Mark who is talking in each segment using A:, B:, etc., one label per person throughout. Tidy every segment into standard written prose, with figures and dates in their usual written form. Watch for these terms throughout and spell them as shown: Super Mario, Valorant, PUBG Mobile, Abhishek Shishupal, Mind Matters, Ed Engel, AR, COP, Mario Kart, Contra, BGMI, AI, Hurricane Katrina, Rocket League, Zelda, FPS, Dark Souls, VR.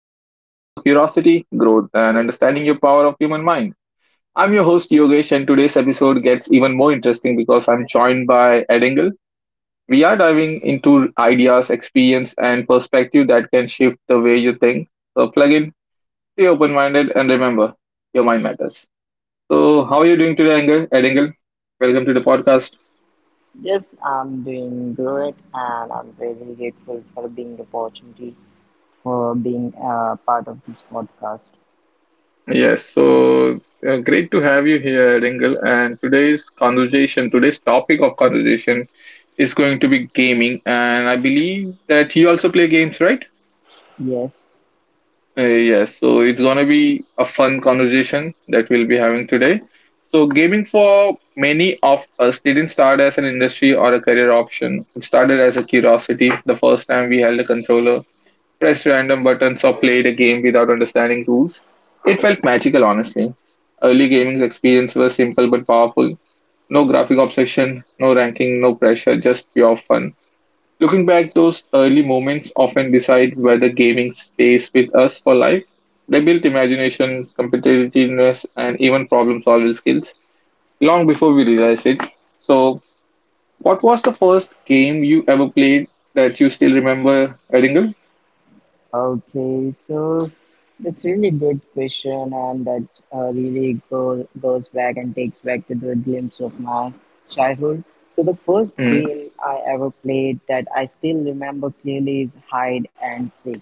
A: This is a space for curiosity, growth, and understanding your power of human mind. I'm your host Yogesh, and today's episode gets even more interesting because I'm joined by Ed Engel. We are diving into ideas, experience, and perspective that can shift the way you think. So plug in, stay open-minded, and remember, your mind matters. So, how are you doing today, Engel? Ed Engel, welcome to the podcast.
B: Yes, I'm doing great, and I'm very grateful for being the opportunity for being a part of this podcast.
A: Yes, so great to have you here, Ringle. And today's topic of conversation is going to be gaming. And I believe that you also play games, right?
B: Yes.
A: Yes, so it's going to be a fun conversation that we'll be having today. So, gaming for many of us didn't start as an industry or a career option, it started as a curiosity the first time we held a controller pressed random buttons, or played a game without understanding rules. It felt magical, honestly. Early gaming's experience was simple but powerful. No graphic obsession, no ranking, no pressure, just pure fun. Looking back, those early moments often decide whether gaming stays with us for life. They built imagination, competitiveness, and even problem solving skills long before we realized it. So, what was the first game you ever played that you still remember, Edingle?
B: Okay, so that's really good question, and that really goes back and takes back to the glimpse of my childhood. So the first
A: Mm.
B: game I ever played that I still remember clearly is hide and seek.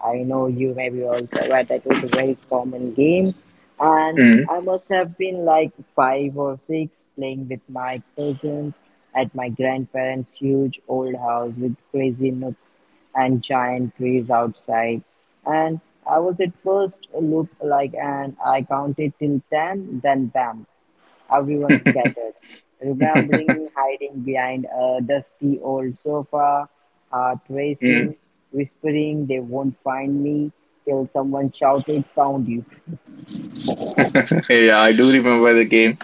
B: I know you may be also aware that was a very common game, and I must have been like five or six playing with my cousins at my grandparents' huge old house with crazy nooks and giant trees outside. And I was at first look like and I counted till ten, then bam, everyone
A: Mm.
B: scattered. Remembering hiding behind a dusty old sofa, heart
A: Mm.
B: racing, whispering they won't find me till someone shouted found you.
A: Yeah, I do remember the game,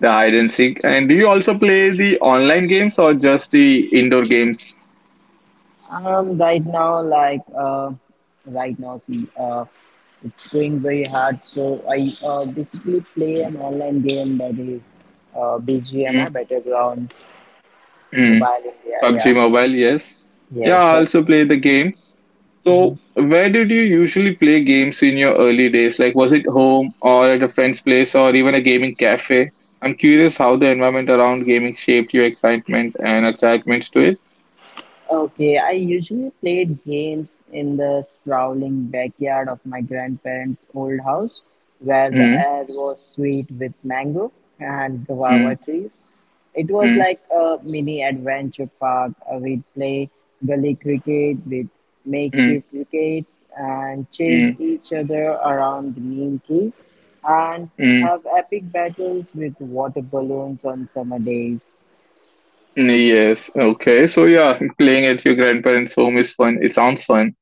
A: the hide and seek. And do you also play the online games or just the indoor games?
B: Right now, right now, see, it's going very hard. So I basically play an online game that is BGMI,
A: Mm.
B: Battleground
A: Mm.
B: Mobile India. Yeah,
A: PUBG Mobile, yes.
B: yes,
A: Yeah, I
B: that's.
A: also play the game. So, where did you usually play games in your early days? Like, was it home or at a friend's place or even a gaming cafe? I'm curious how the environment around gaming shaped your excitement and attachments to it.
B: Okay, I usually played games in the sprawling backyard of my grandparents' old house where the
A: Mm.
B: air was sweet with mango and guava
A: Mm.
B: trees. It was
A: Mm.
B: like a mini adventure park. We'd play gully cricket with
A: Mm.
B: makeshift wickets and chase
A: Mm.
B: each other around the neem tree and
A: Mm.
B: have epic battles with water balloons on summer days.
A: Yes. Okay. So yeah, playing at your grandparents' home is fun. It sounds fun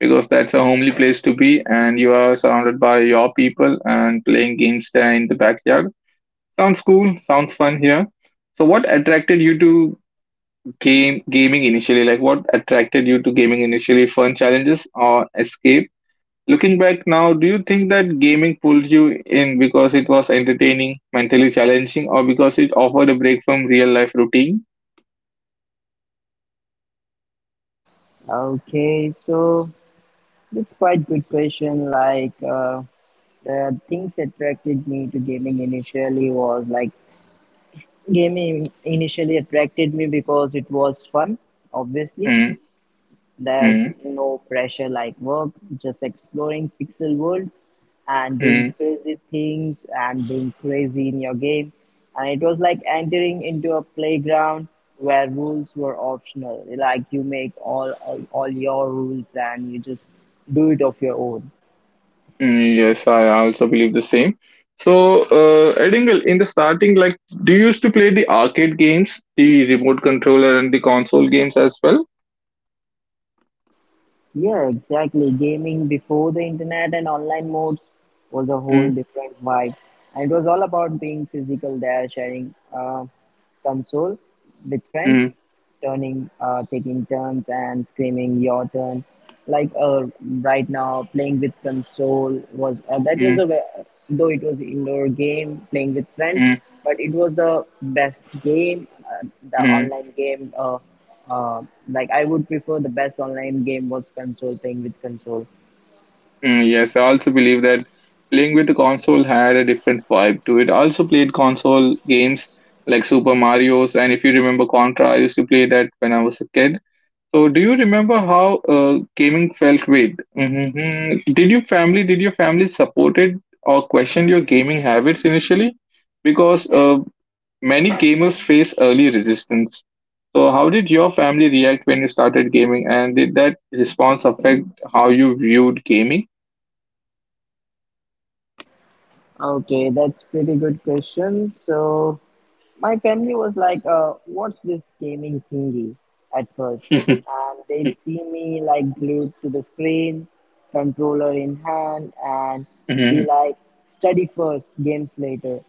A: because that's a homely place to be, and you are surrounded by your people and playing games there in the backyard. Sounds cool. Sounds fun here. So what attracted you to game gaming initially? Like what attracted you to gaming initially? Fun challenges or escape? Looking back now, do you think that gaming pulled you in because it was entertaining, mentally challenging, or because it offered a break from real life routine?
B: Okay, so that's quite good question. The things attracted me to gaming initially was like gaming initially attracted me because it was fun. Obviously, there's
A: Mm-hmm.
B: no pressure like work, just exploring pixel worlds and doing
A: Mm.
B: crazy things and being crazy in your game. And it was like entering into a playground where rules were optional. Like you make all your rules and you just do it of your own.
A: Mm, yes, I also believe the same. So, Edingle, in the starting, like, do you used to play the arcade games, the remote controller, and the console games as well?
B: Yeah, exactly. Gaming before the internet and online modes was a whole
A: Mm.
B: different vibe. And it was all about being physical there, sharing. Console with friends,
A: Mm.
B: taking turns and screaming your turn. Like uh, right now, playing with console was that was
A: Mm.
B: a though it was indoor game playing with friends,
A: Mm.
B: but it was the best game, the
A: Mm.
B: online game. Uh, like I would prefer the best online game was console playing with console.
A: Mm, yes, I also believe that playing with the console had a different vibe to it. I also played console games like Super Mario's, and if you remember Contra, I used to play that when I was a kid. So, do you remember how gaming felt weird? Hmm. Did your family supported or questioned your gaming habits initially? Because many gamers face early resistance. So, how did your family react when you started gaming, and did that response affect how you viewed gaming?
B: Okay, that's pretty good question. So my family was like, what's this gaming thingy at first? And they'd see me like glued to the screen, controller in hand, and be
A: Mhm.
B: like, study first, games later.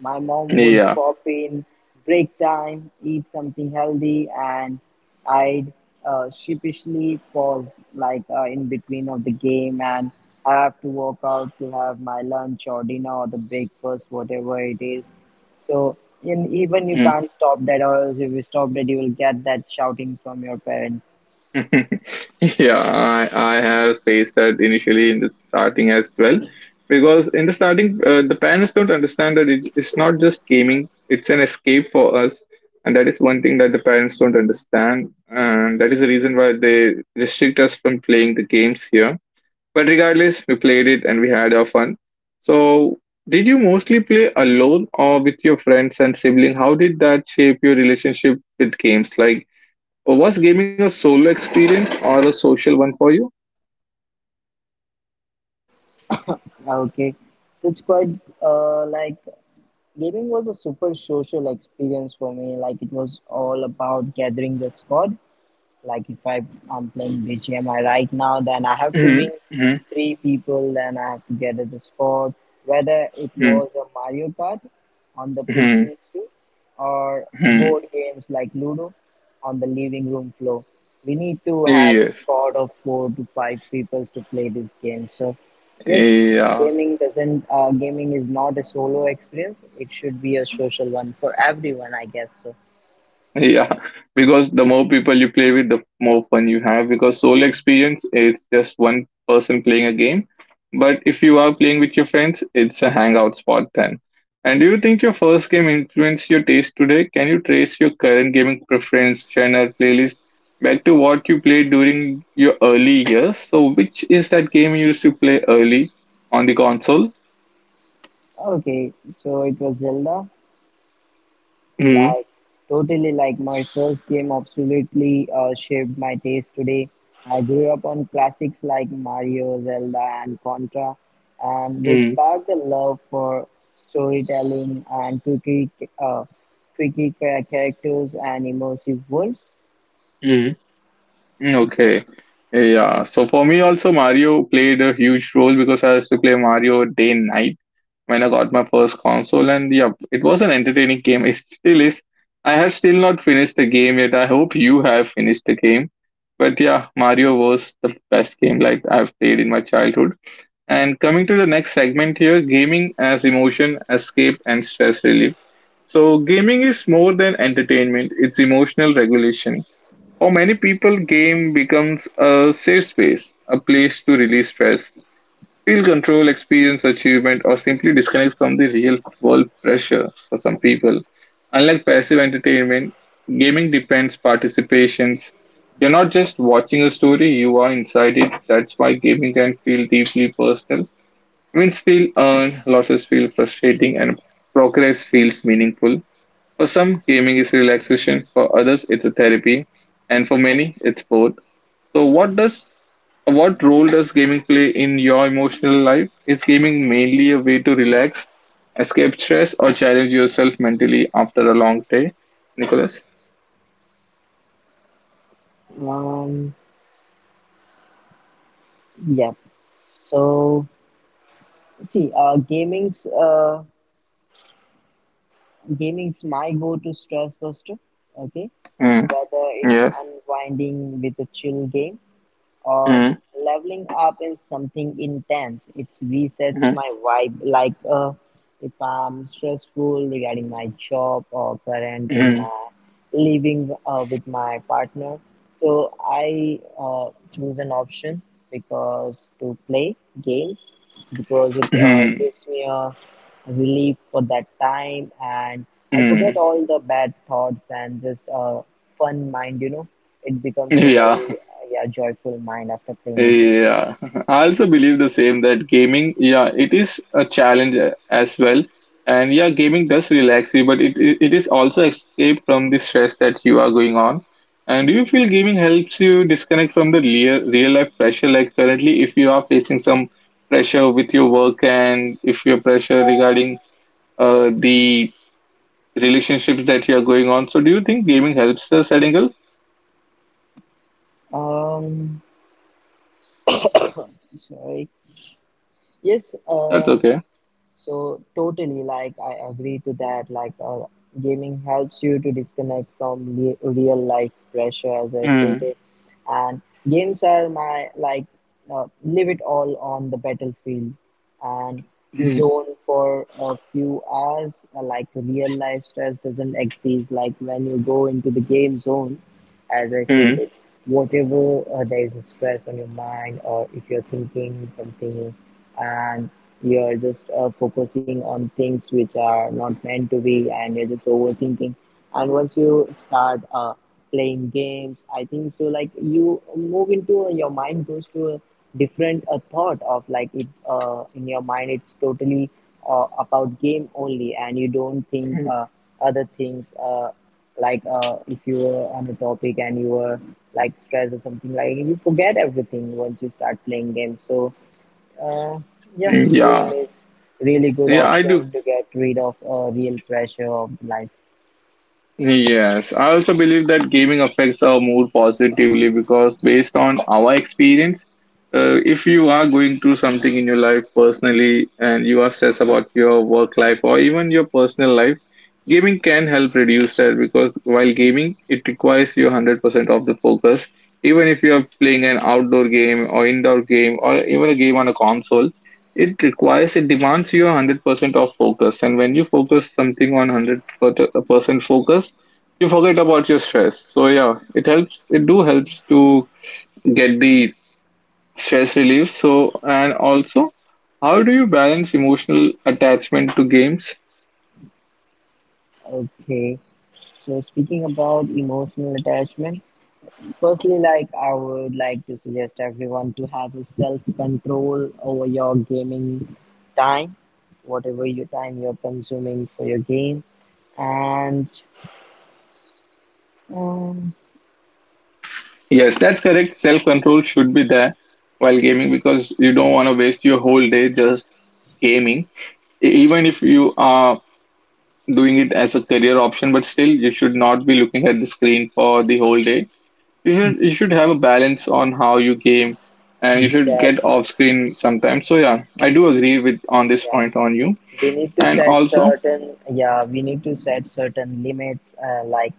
B: My mom would
A: Yeah.
B: pop in break time, eat something healthy, and I'd sheepishly pause in between of the game and I have to walk out to have my lunch or dinner or the breakfast, whatever it is. So and even you can't stop that, or else if you stop that, you will get that shouting from your parents.
A: Yeah, I have faced that initially in the starting as well. Because in the starting, the parents don't understand that it's not just gaming, it's an escape for us. And that is one thing that the parents don't understand. And that is the reason why they restrict us from playing the games here. But regardless, we played it and we had our fun. So, did you mostly play alone or with your friends and sibling? How did that shape your relationship with games? Like, was gaming a solo experience or a social one for you?
B: Okay, it's quite like gaming was a super social experience for me. Like it was all about gathering the squad. Like if I I'm playing BGMI right now, then I have to
A: Hmm.
B: ring
A: Hmm.
B: three people, then I have to gather the squad. Whether it
A: Mm-hmm.
B: was a Mario Kart on the
A: Hmm.
B: PCs too, or
A: Hmm.
B: board games like Ludo on the living room floor, we need to have a
A: Yes.
B: squad of four to five people to play this game. So, yes,
A: Yeah.
B: gaming is not a solo experience. It should be a social one for everyone, I guess. So.
A: Yeah, because the more people you play with, the more fun you have. Because solo experience, it's just one person playing a game. But if you are playing with your friends, it's a hangout spot then. And do you think your first game influenced your taste today? Can you trace your current gaming preference, genre, playlist back to what you played during your early years? So, which is that game you used to play early on the console?
B: Okay, so it was Zelda. Like, totally like my first game absolutely shaped my taste today. I grew up on classics like Mario, Zelda, and Contra, and they
A: Mm-hmm.
B: sparked a love for storytelling and quirky, uh, characters and immersive worlds.
A: Mm.
B: Yeah.
A: Okay. Yeah. So for me also Mario played a huge role because I used to play Mario day and night when I got my first console and yeah, it was an entertaining game. It still is. I have still not finished the game yet. I hope you have finished the game. But yeah, Mario was the best game like I've played in my childhood. And coming to the next segment here, gaming as emotion, escape and stress relief. So gaming is more than entertainment, it's emotional regulation. For many people, game becomes a safe space, a place to release stress, feel control, experience achievement, or simply disconnect from the real world pressure for some people. Unlike passive entertainment, gaming depends participations. You're not just watching a story, you are inside it. That's why gaming can feel deeply personal. Wins feel earned, losses feel frustrating, and progress feels meaningful. For some, gaming is relaxation, for others, it's a therapy, and for many, it's both. So, what role does gaming play in your emotional life? Is gaming mainly a way to relax, escape stress, or challenge yourself mentally after a long day? Nicholas?
B: Um, yeah. So, see, gaming's my go-to stress buster, okay,
A: Mm.
B: whether it's
A: Yes.
B: unwinding with a chill game or
A: Mm.
B: leveling up in something intense. It resets
A: Mm.
B: my vibe, if I'm stressful regarding my job or current in
A: Mm.
B: my living with my partner. So I choose an option because to play games because it
A: Mm.
B: gives me a relief for that time, and I forget
A: Mm.
B: all the bad thoughts and just a fun mind, you know it becomes a
A: Yeah.
B: very yeah joyful mind after playing a game.
A: Yeah, I also believe the same that gaming, yeah, it is a challenge as well. And yeah, gaming does relax you, but it is also escape from the stress that you are going on. And do you feel gaming helps you disconnect from the real life pressure? Like currently, if you are facing some pressure with your work and if your pressure regarding the relationships that you are going on, so do you think gaming helps us, Edingle?
B: Um, Sorry. Yes.
A: That's okay.
B: So totally, like I agree to that. Gaming helps you to disconnect from real life pressure, as I
A: Mm.
B: stated, and games are my like live it all on the battlefield and
A: Mm.
B: zone for a few hours. Like real life stress doesn't exist. Like when you go into the game zone, as I
A: Mm.
B: stated, whatever there is a stress on your mind, or if you're thinking something and you're just focusing on things which are not meant to be, and you're just overthinking. And once you start playing games, I think so. Like you move into your mind goes to a different thought of like it in your mind. It's totally about game only, and you don't think other things. If you were on a topic and you were like stressed or something like you forget everything once you start playing games. So uh, yeah,
A: Mm. Yeah.
B: game is really good
A: Yeah, I
B: option
A: do.
B: to get rid of real pressure of life.
A: Yes, I also believe that gaming affects our mood positively because, based on our experience, if you are going through something in your life personally and you are stressed about your work life or even your personal life, gaming can help reduce that because while gaming, it requires you 100% of the focus. Even if you are playing an outdoor game or indoor game or even a game on a console, it requires, it demands you 100% of focus. And when you focus something on 100% focus, you forget about your stress. So yeah, it helps, it do helps to get the stress relief. So, and also, how do you balance emotional attachment to games?
B: Okay, so speaking about emotional attachment, firstly, like I would like to suggest everyone to have a self control over your gaming time, whatever your time you're consuming for your game, and um,
A: Yes, that's correct. Self control should be there while gaming because you don't want to waste your whole day just gaming. Even if you are doing it as a career option, but still you should not be looking at the screen for the whole day. You should have a balance on how you game and you should get
B: exactly.
A: off screen sometimes. So yeah, I do agree with on this
B: Yeah,
A: point on you.
B: we need to
A: And
B: set
A: also,
B: certain yeah, we need to set certain limits, uh, like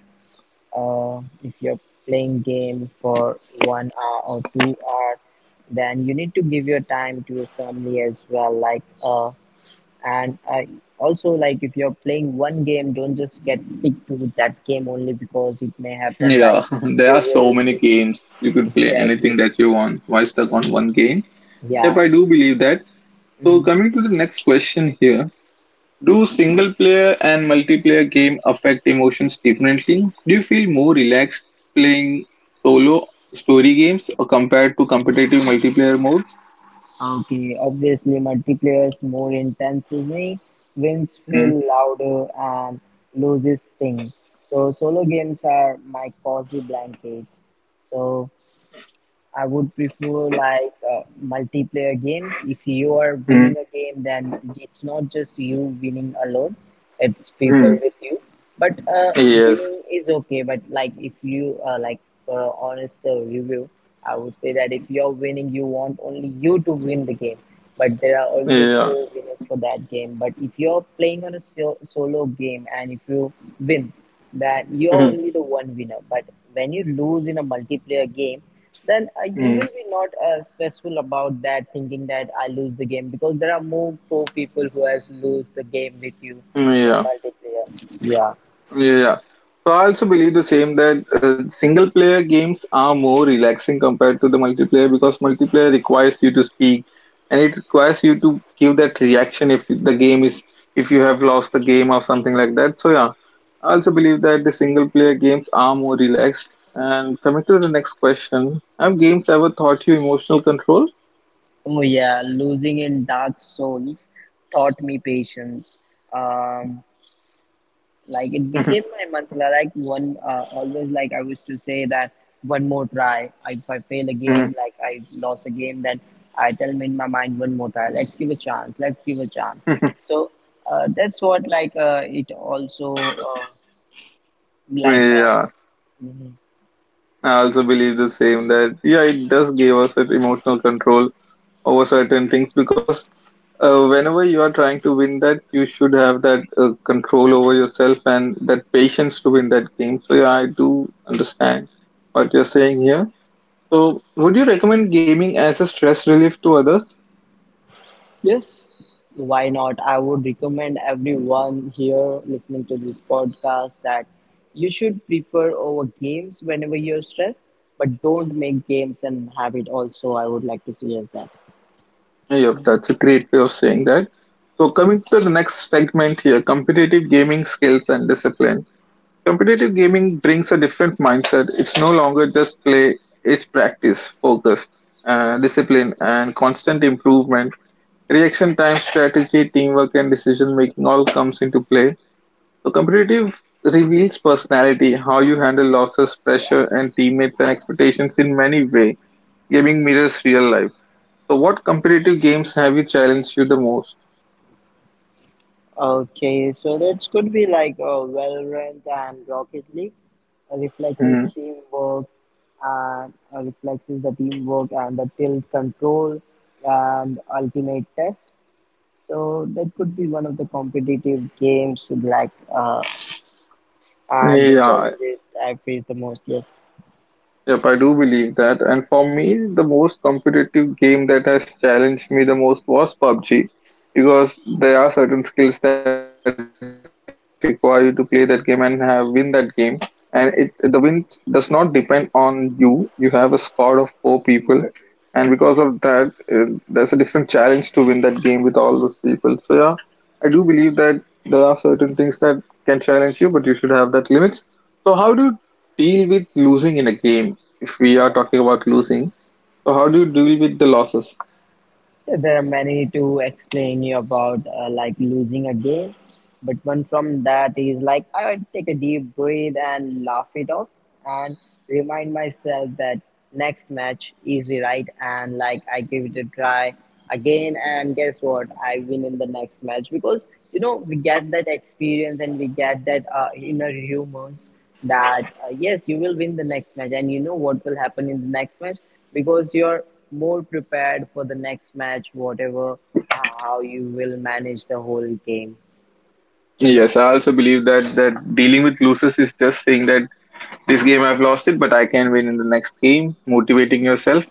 B: uh, if you're playing game for 1 hour or 2 hour, then you need to give your time to your family as well, like and also like if you're playing one game don't just get stick to that game only because it may happen like
A: yeah, there
B: you
A: are so
B: will
A: many
B: be
A: games. You could play
B: exactly
A: anything that you want. Why stuck
B: and
A: on one game? Yep,
B: yeah.
A: I do believe that. So
B: Mhm.
A: coming to the next question here, do single player and multiplayer game affect emotions differently? Do you feel more relaxed playing solo story games or compared to competitive multiplayer modes?
B: Okay, obviously multiplayer's more intense with me, wins
A: Mm.
B: feel louder and loses sting. So solo games are my cozy blanket. So I would prefer multiplayer games. If you are
A: Mm.
B: winning a game, then it's not just you winning alone; it's people
A: Mm.
B: with you. But
A: Yes.
B: Winning is okay. But like if you like for a honest review, I would say that if you're winning, you want only you to win the game. But there are also
A: Yeah.
B: four winners for that game. But if you're playing on a solo game and if you win, then you're
A: Mm.
B: only the one winner. But when you lose in a multiplayer game, then you
A: Mm,
B: will be not stressful about that thinking that I lose the game because there are more four people who has lose the game with you in
A: yeah.
B: multiplayer. Yeah.
A: Yeah. Yeah. So I also believe the same that single player games are more relaxing compared to the multiplayer because multiplayer requires you to speak and it requires you to give that reaction if the game is if you have lost the game or something like that. So yeah, I also believe that the single player games are more relaxed. And coming to the next question, have games ever taught you emotional control?
B: Oh yeah, losing in Dark Souls taught me patience. um like it became my mantra, like one, always like I used to say that one more try. If I fail a
A: Yeah,
B: game, like I lost a game, then I tell me in my mind one more try, let's give a chance, let's give a chance. So that's what like it also like mm-hmm.
A: I also believe the same that yeah, it does give us that emotional control over certain things because whenever you are trying to win that, you should have that control over yourself and that patience to win that game. So, yeah, I do understand what you're saying here. So, would you recommend gaming as a stress relief to others?
B: Yes, why not? I would recommend everyone here listening to this podcast that you should prefer over games whenever you're stressed, but don't make games an habit also. I would like to suggest that.
A: Yeah, yeah, that's a great way of saying that. So, coming to the next segment here competitive gaming skills and discipline. Competitive gaming brings a different mindset. It's no longer just play, it's practice, focus, discipline, and constant improvement. Reaction time, strategy, teamwork, and decision making all comes into play. So, competitive reveals personality, how you handle losses, pressure, and teammates and expectations in many ways. Gaming mirrors real life. So, what competitive games have you challenged you the most?
B: Okay, so that could be Valorant and Rocket League. Uh,
A: Mm.
B: reflexes teamwork Reflexes, the teamwork, and the tilt control and ultimate test. So that could be one of the competitive games, and the
A: Yeah.
B: challenges I face the most. Yes,
A: Yep, I do believe that. And for me, the most competitive game that has challenged me the most was PUBG because there are certain skills that require you to play that game and have win that game. And it the win does not depend on you. You have a squad of four people, and because of that, there's a different challenge to win that game with all those people. So yeah, I do believe that there are certain things that can challenge you, but you should have that limits. So how do you deal with losing in a game? If we are talking about losing, so how do you deal with the losses?
B: there are many to explain you about, like losing a game. But one from that is like I would take a deep breath and laugh it off, and remind myself that next match easy, right? And like I give it a try again, and guess what? I win in the next match because you know we get that experience and we get that inner humors that yes, you will win the next match, and you know what will happen in the next match because you're more prepared for the next match, whatever how you will manage the whole game.
A: Yes, I also believe that dealing with losses is just saying that this game I've lost it, but I can win in the next game. Motivating yourself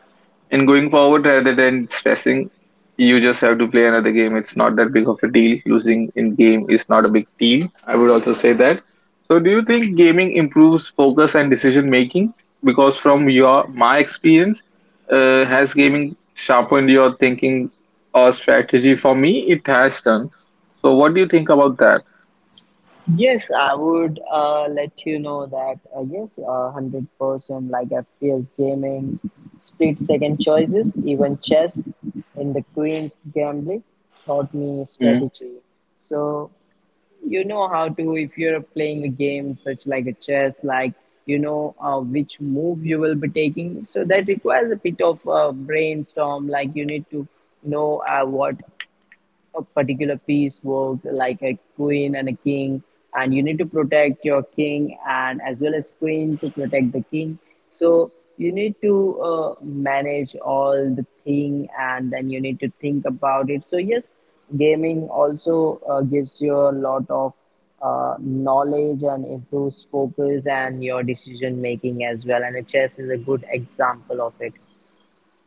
A: and going forward, rather than stressing, you just have to play another game. It's not that big of a deal. Losing in game is not a big deal. I would also say that. So, do you think gaming improves focus and decision making? Because from your my experience, has gaming sharpened your thinking or strategy? For me, it has done. So, what do you think about that?
B: Yes, I would let you know that 100% like FPS gamings, split second choices, even chess in the Queen's Gambling taught me
A: Mm,
B: strategy. So, you know how to if you're playing a game such like a chess like you know which move you will be taking, so that requires a bit of brainstorm. Like, you need to know what a particular piece works, like a queen and a king, and you need to protect your king and as well as queen to protect the king. So you need to manage all the thing and then you need to think about it. So yes, gaming also gives you a lot of knowledge and improves focus and your decision making as well, and a chess is a good example of it.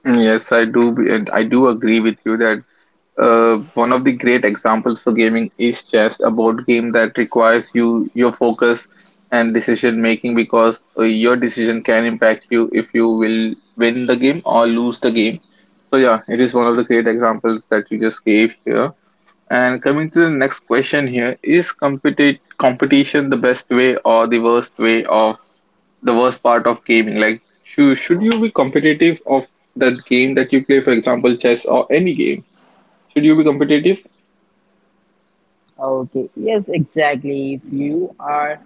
A: yes, and I do agree with you that one of the great examples for gaming is chess, a board game that requires you your focus and decision making because your decision can impact you if you will win the game or lose the game. So yeah, it is one of the great examples that you just gave here. And coming to the next question here, is competition the best way or the worst way of the worst part of gaming? Like, should you be competitive of that game that you play, for example, chess or any game? Should you be competitive?
B: Okay, yes, exactly. If you are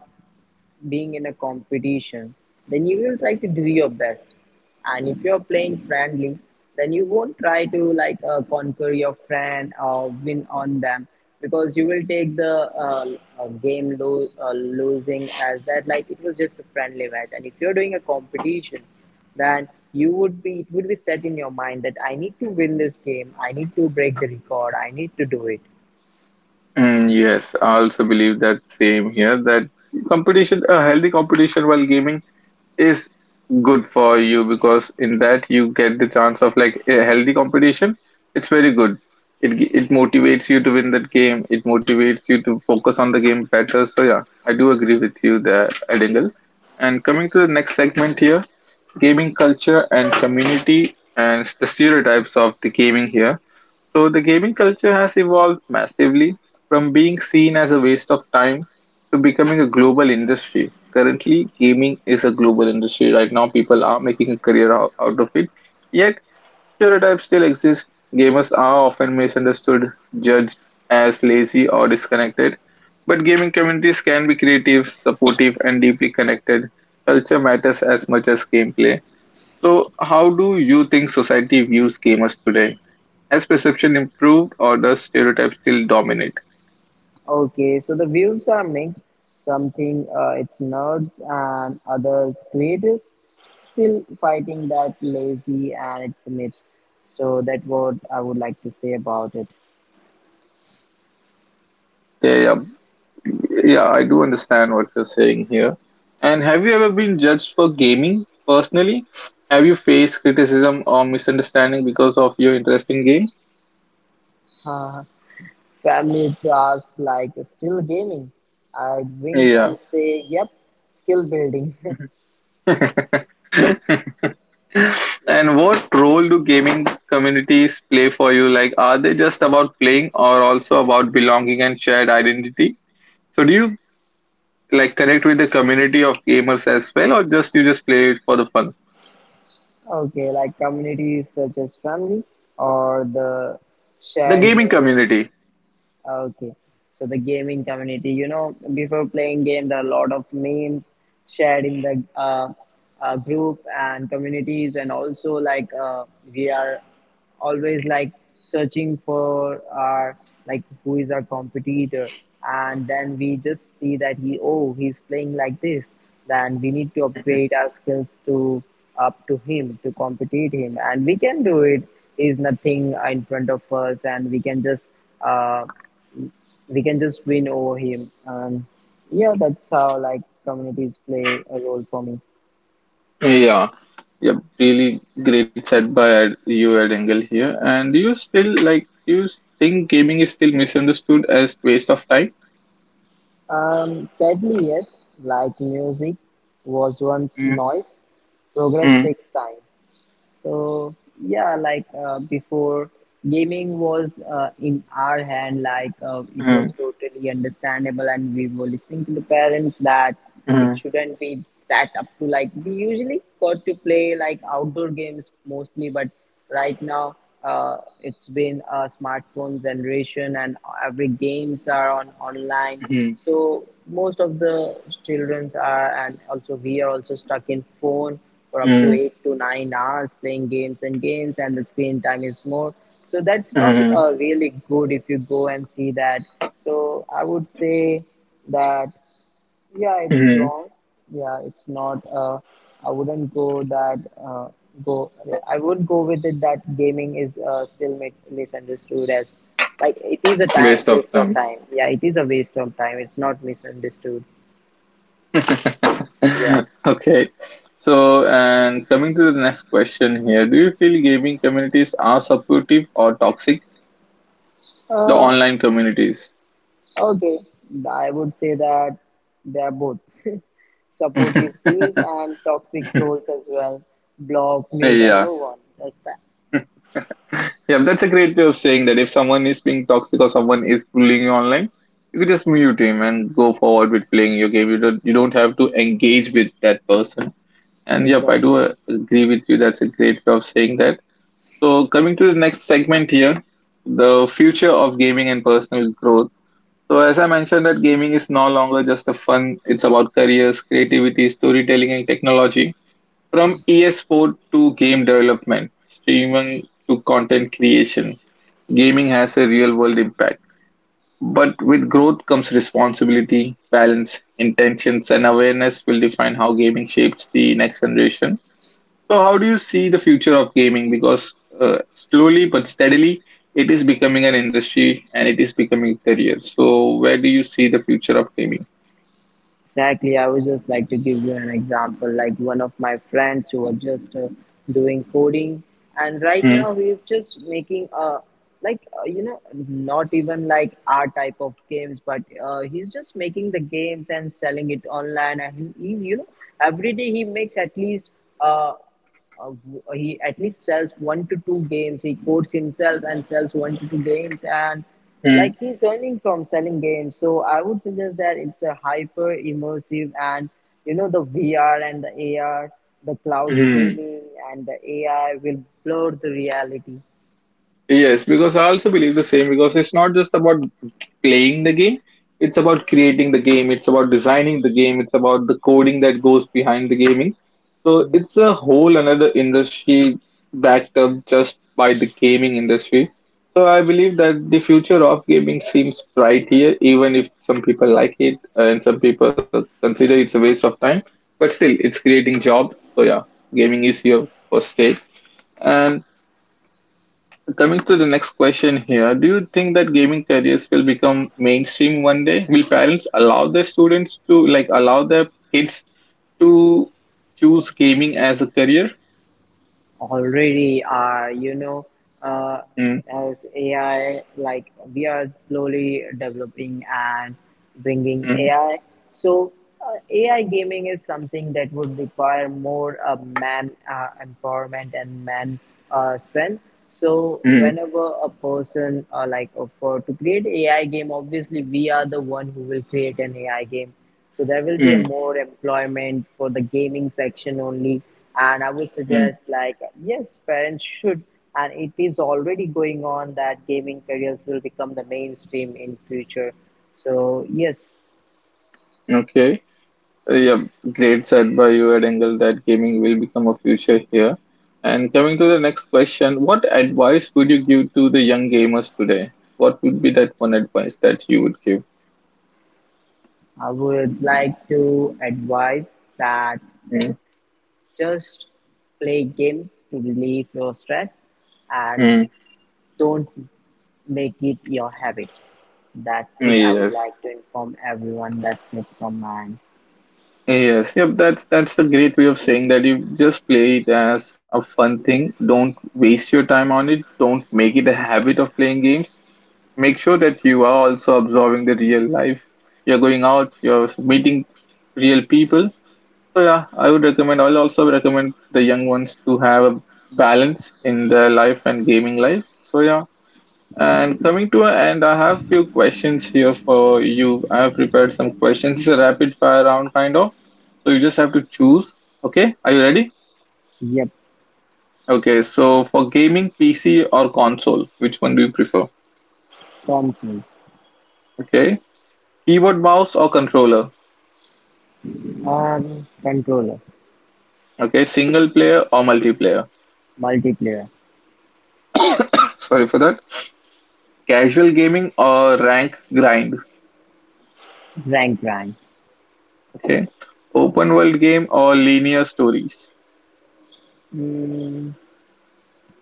B: being in a competition, then you will try to do your best. And if you're playing friendly, then you won't try to like conquer your friend or win on them, because you will take the losing as that, like it was just a friendly match. And if you're doing a competition, then you would be it would be set in your mind that I need to win this game. I need to break the record. I need to do it.
A: Mm, yes, I also believe that same here that competition, a healthy competition while gaming is good for you because in that you get the chance of like a healthy competition. It's very good. It motivates you to win that game. It motivates you to focus on the game better. So yeah, I do agree with you there, Edingle. And coming to the next segment here, gaming culture and community and the stereotypes of the gaming here, so the gaming culture has evolved massively from being seen as a waste of time to becoming a global industry. Currently, gaming is a global industry. Right now, people are making a career out of it. Yet, stereotypes still exist. Gamers are often misunderstood, judged as lazy or disconnected. But gaming communities can be creative, supportive, and deeply connected. Culture matters as much as gameplay. So, how do you think society views gamers today? Has perception improved, or does stereotype still dominate?
B: Okay, so the views are mixed. Something it's nerds and others creators, still fighting that lazy, and it's a myth. So that what I would like to say about it.
A: Okay, yeah, yeah, I do understand what you're saying here. And have you ever been judged for gaming personally? Have you faced criticism or misunderstanding because of your interest in games?
B: Uh, family task like still gaming. I wink
A: Yeah.
B: and say, "Yep, skill building." Yes.
A: And what role do gaming communities play for you? Like, are they just about playing or also about belonging and shared identity? So, do you like connect with the community of gamers as well, or just you just play it for the fun?
B: Okay, like communities such as family or the
A: The
B: shared
A: gaming
B: meals.
A: community.
B: Okay, so the gaming community, you know, before playing game, there are a lot of memes shared in the group and communities, and also like we are always like searching for our like who is our competitor, and then we just see that he oh he's playing like this, then we need to upgrade our skills to up to him, to compete him, and we can do it. Is nothing in front of us, and we can just. Uh, we can just win over him and yeah, that's how like communities play a role for me.
A: Yeah, yeah, really great said by you, Ed Engel here. And do you still like? Do you think gaming is still misunderstood as waste of time?
B: Um, sadly yes, like music was once
A: Mm,
B: noise, progress
A: mm,
B: takes time. So yeah, like before, gaming was in our hand. Like it was
A: mm,
B: totally understandable, and we were listening to the parents that it
A: mm,
B: shouldn't be that up to, like we usually got to play like outdoor games mostly, but right now it's been a smartphone generation, and every games are on online. So most of the childrens are, and also we are also stuck in phone for
A: mm,
B: up to
A: mm,
B: 8 to 9 hours playing games and games, and the screen time is more. So that's not
A: mm,
B: really good if you go and see that. So I would say that yeah, it's
A: mm.
B: wrong. Yeah, it's not. I wouldn't go that I would go with it that gaming is still misunderstood as like it is a time
A: Waste of
B: waste of
A: time.
B: time. Yeah, it is a waste of time. It's not misunderstood. Yeah.
A: Okay. So, and coming to the next question here, do you feel gaming communities are supportive or toxic? The
B: Uh,
A: online communities.
B: okay, I would say that they are both supportive
A: Yeah.
B: views and toxic trolls as well. Block, mute, and
A: Yeah,
B: move on. That's that.
A: that's a great way of saying that if someone is being toxic or someone is bullying you online, you can just mute him and go forward with playing your game. You don't have to engage with that person. And yep, I do
B: Exactly.
A: agree with you. That's a great way of saying that. So coming to the next segment here, the future of gaming and personal growth. So as I mentioned that gaming is no longer just a fun, it's about careers, creativity, storytelling and technology. From e-sport to game development, streaming to content creation, gaming has a real world impact. But with growth comes responsibility, balance, intentions, and awareness will define how gaming shapes the next generation. So, how do you see the future of gaming? Because slowly but steadily, it is becoming an industry and it is becoming a career. So, where do you see the future of gaming?
B: Exactly. I would just like to give you an example. Like one of my friends who was just doing coding, and right
A: Mm-hmm.
B: now he is just making a like you know, not even like our type of games, but he's just making the games and selling it online. And he's you know, every day he makes at least uh, uh, he at least sells one to two games. He codes himself and sells one to two games, and like he's earning from selling games. So I would suggest that it's a hyper immersive, and you know the VR and the AR, the cloud gaming, and the AI will blur the reality.
A: Yes, because I also believe the same. Because it's not just about playing the game, it's about creating the game, it's about designing the game, it's about the coding that goes behind the gaming. So
B: Hmm.
A: it's a whole another industry backed up just by the gaming industry. So I believe that the future of gaming seems bright here, even if some people like it and some people consider it's a waste of time. But still, it's creating jobs. So yeah, gaming is here for stay. And coming to the next question here, do you think that gaming careers will become mainstream one day? Will parents allow their students to like allow their kids to choose gaming as a career?
B: Already are, you know, uh,
A: Mm,
B: as AI, like we are slowly developing and bringing
A: mm,
B: AI. So AI gaming is something that would require more man empowerment and man strength. So
A: mm,
B: whenever a person for to create AI game, obviously we are the one who will create an AI game, so there will be a
A: mm,
B: more employment for the gaming section only. And I would
A: mm.
B: suggest, like, yes, parents should, and it is already going on that gaming careers will become the mainstream in future. So yes,
A: Okay. Yeah, great said by you, Ed Engel, that gaming will become a future here. And coming to the next question, what advice would you give to the young gamers today? What would be that one advice that you would give?
B: I would like to advise that
A: Mm,
B: just play games to relieve your stress and don't make it your habit. That's it.
A: mm,
B: I would
A: yes.
B: like to inform everyone. That's it from mine.
A: Yes, yep, that's a great way of saying that you just play it as a fun thing. Don't waste your time on it. Don't make it a habit of playing games. Make sure that you are also observing the real life. You're going out, you're meeting real people. So yeah, I'll also recommend the young ones to have a balance in their life and gaming life. So yeah, and coming to an end, I have few questions here for you. I have prepared some questions. It's a rapid fire round kind of. So you just have to choose. Okay, are you ready?
B: Yep,
A: Okay, so for gaming, PC or console, which one do you prefer?
B: promise me.
A: Okay, keyboard, mouse, or controller?
B: Controller,
A: Okay, single player or multiplayer?
B: multiplayer,
A: Sorry for that. Casual gaming or rank grind?
B: rank rank.
A: Okay, open world game or linear stories?
B: Mm,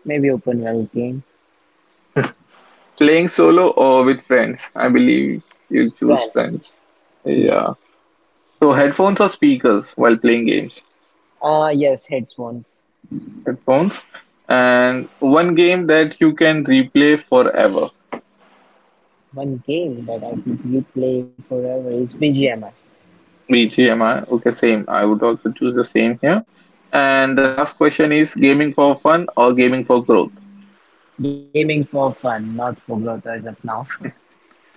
B: maybe open world game.
A: Playing solo or with friends? I believe you choose
B: Friends.
A: friends.
B: Yes.
A: Yeah. So headphones or speakers while playing games?
B: Yes, headphones.
A: Headphones. And one game that you can replay forever.
B: One game that I could replay forever is BGMI.
A: BGMI. Okay, same. I would also choose the same here. And the last question is gaming for fun or gaming for growth?
B: Gaming for fun, not for growth as of now.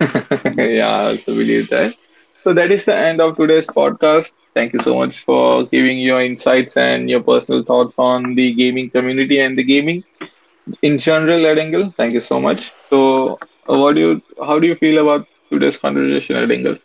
A: Yeah, I also believe that. So that is the end of today's podcast. Thank you so much for giving your insights and your personal thoughts on the gaming community and the gaming in general, Ed Engel. Thank you so much. So what do you how do you feel about today's conversation, Ed Engel?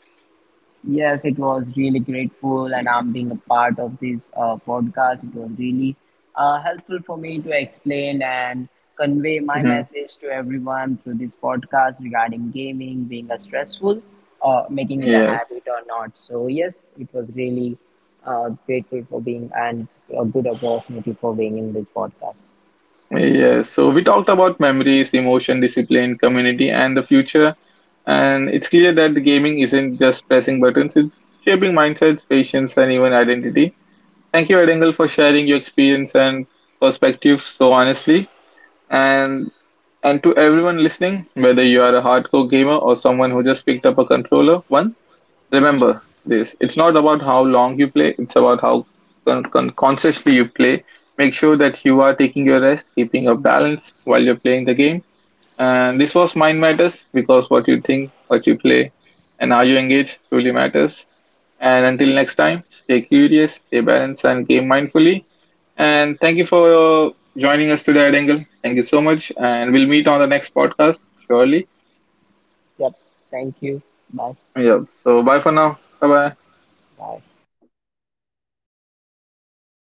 B: Yes, it was really grateful, and I'm being a part of this podcast. It was really helpful for me to explain and convey my
A: Hmm.
B: message to everyone through this podcast regarding gaming being a stressful or making it a
A: Yes.
B: habit or not. So, yes, it was really grateful for being and a good opportunity for being in this podcast.
A: Yes, so we talked about memories, emotion, discipline, community, and the future, and it's clear that the gaming isn't just pressing buttons, it's shaping mindsets, patience, and even identity. Thank you, Ed, for sharing your experience and perspective so honestly. and and to everyone listening, whether you are a hardcore gamer or someone who just picked up a controller once, remember this: it's not about how long you play, it's about how consciously you play. Make sure that you are taking your rest, keeping your balance while you're playing the game. And this was Mind Matters, because what you think, what you play, and how you engage truly matters. And until next time, stay curious, stay balanced, and game mindfully. And thank you for joining us today, Adengle. Thank you so much. And we'll meet on the next podcast, surely.
B: Yep, thank you. Bye.
A: Yeah. So bye for now. Bye bye.
B: Bye.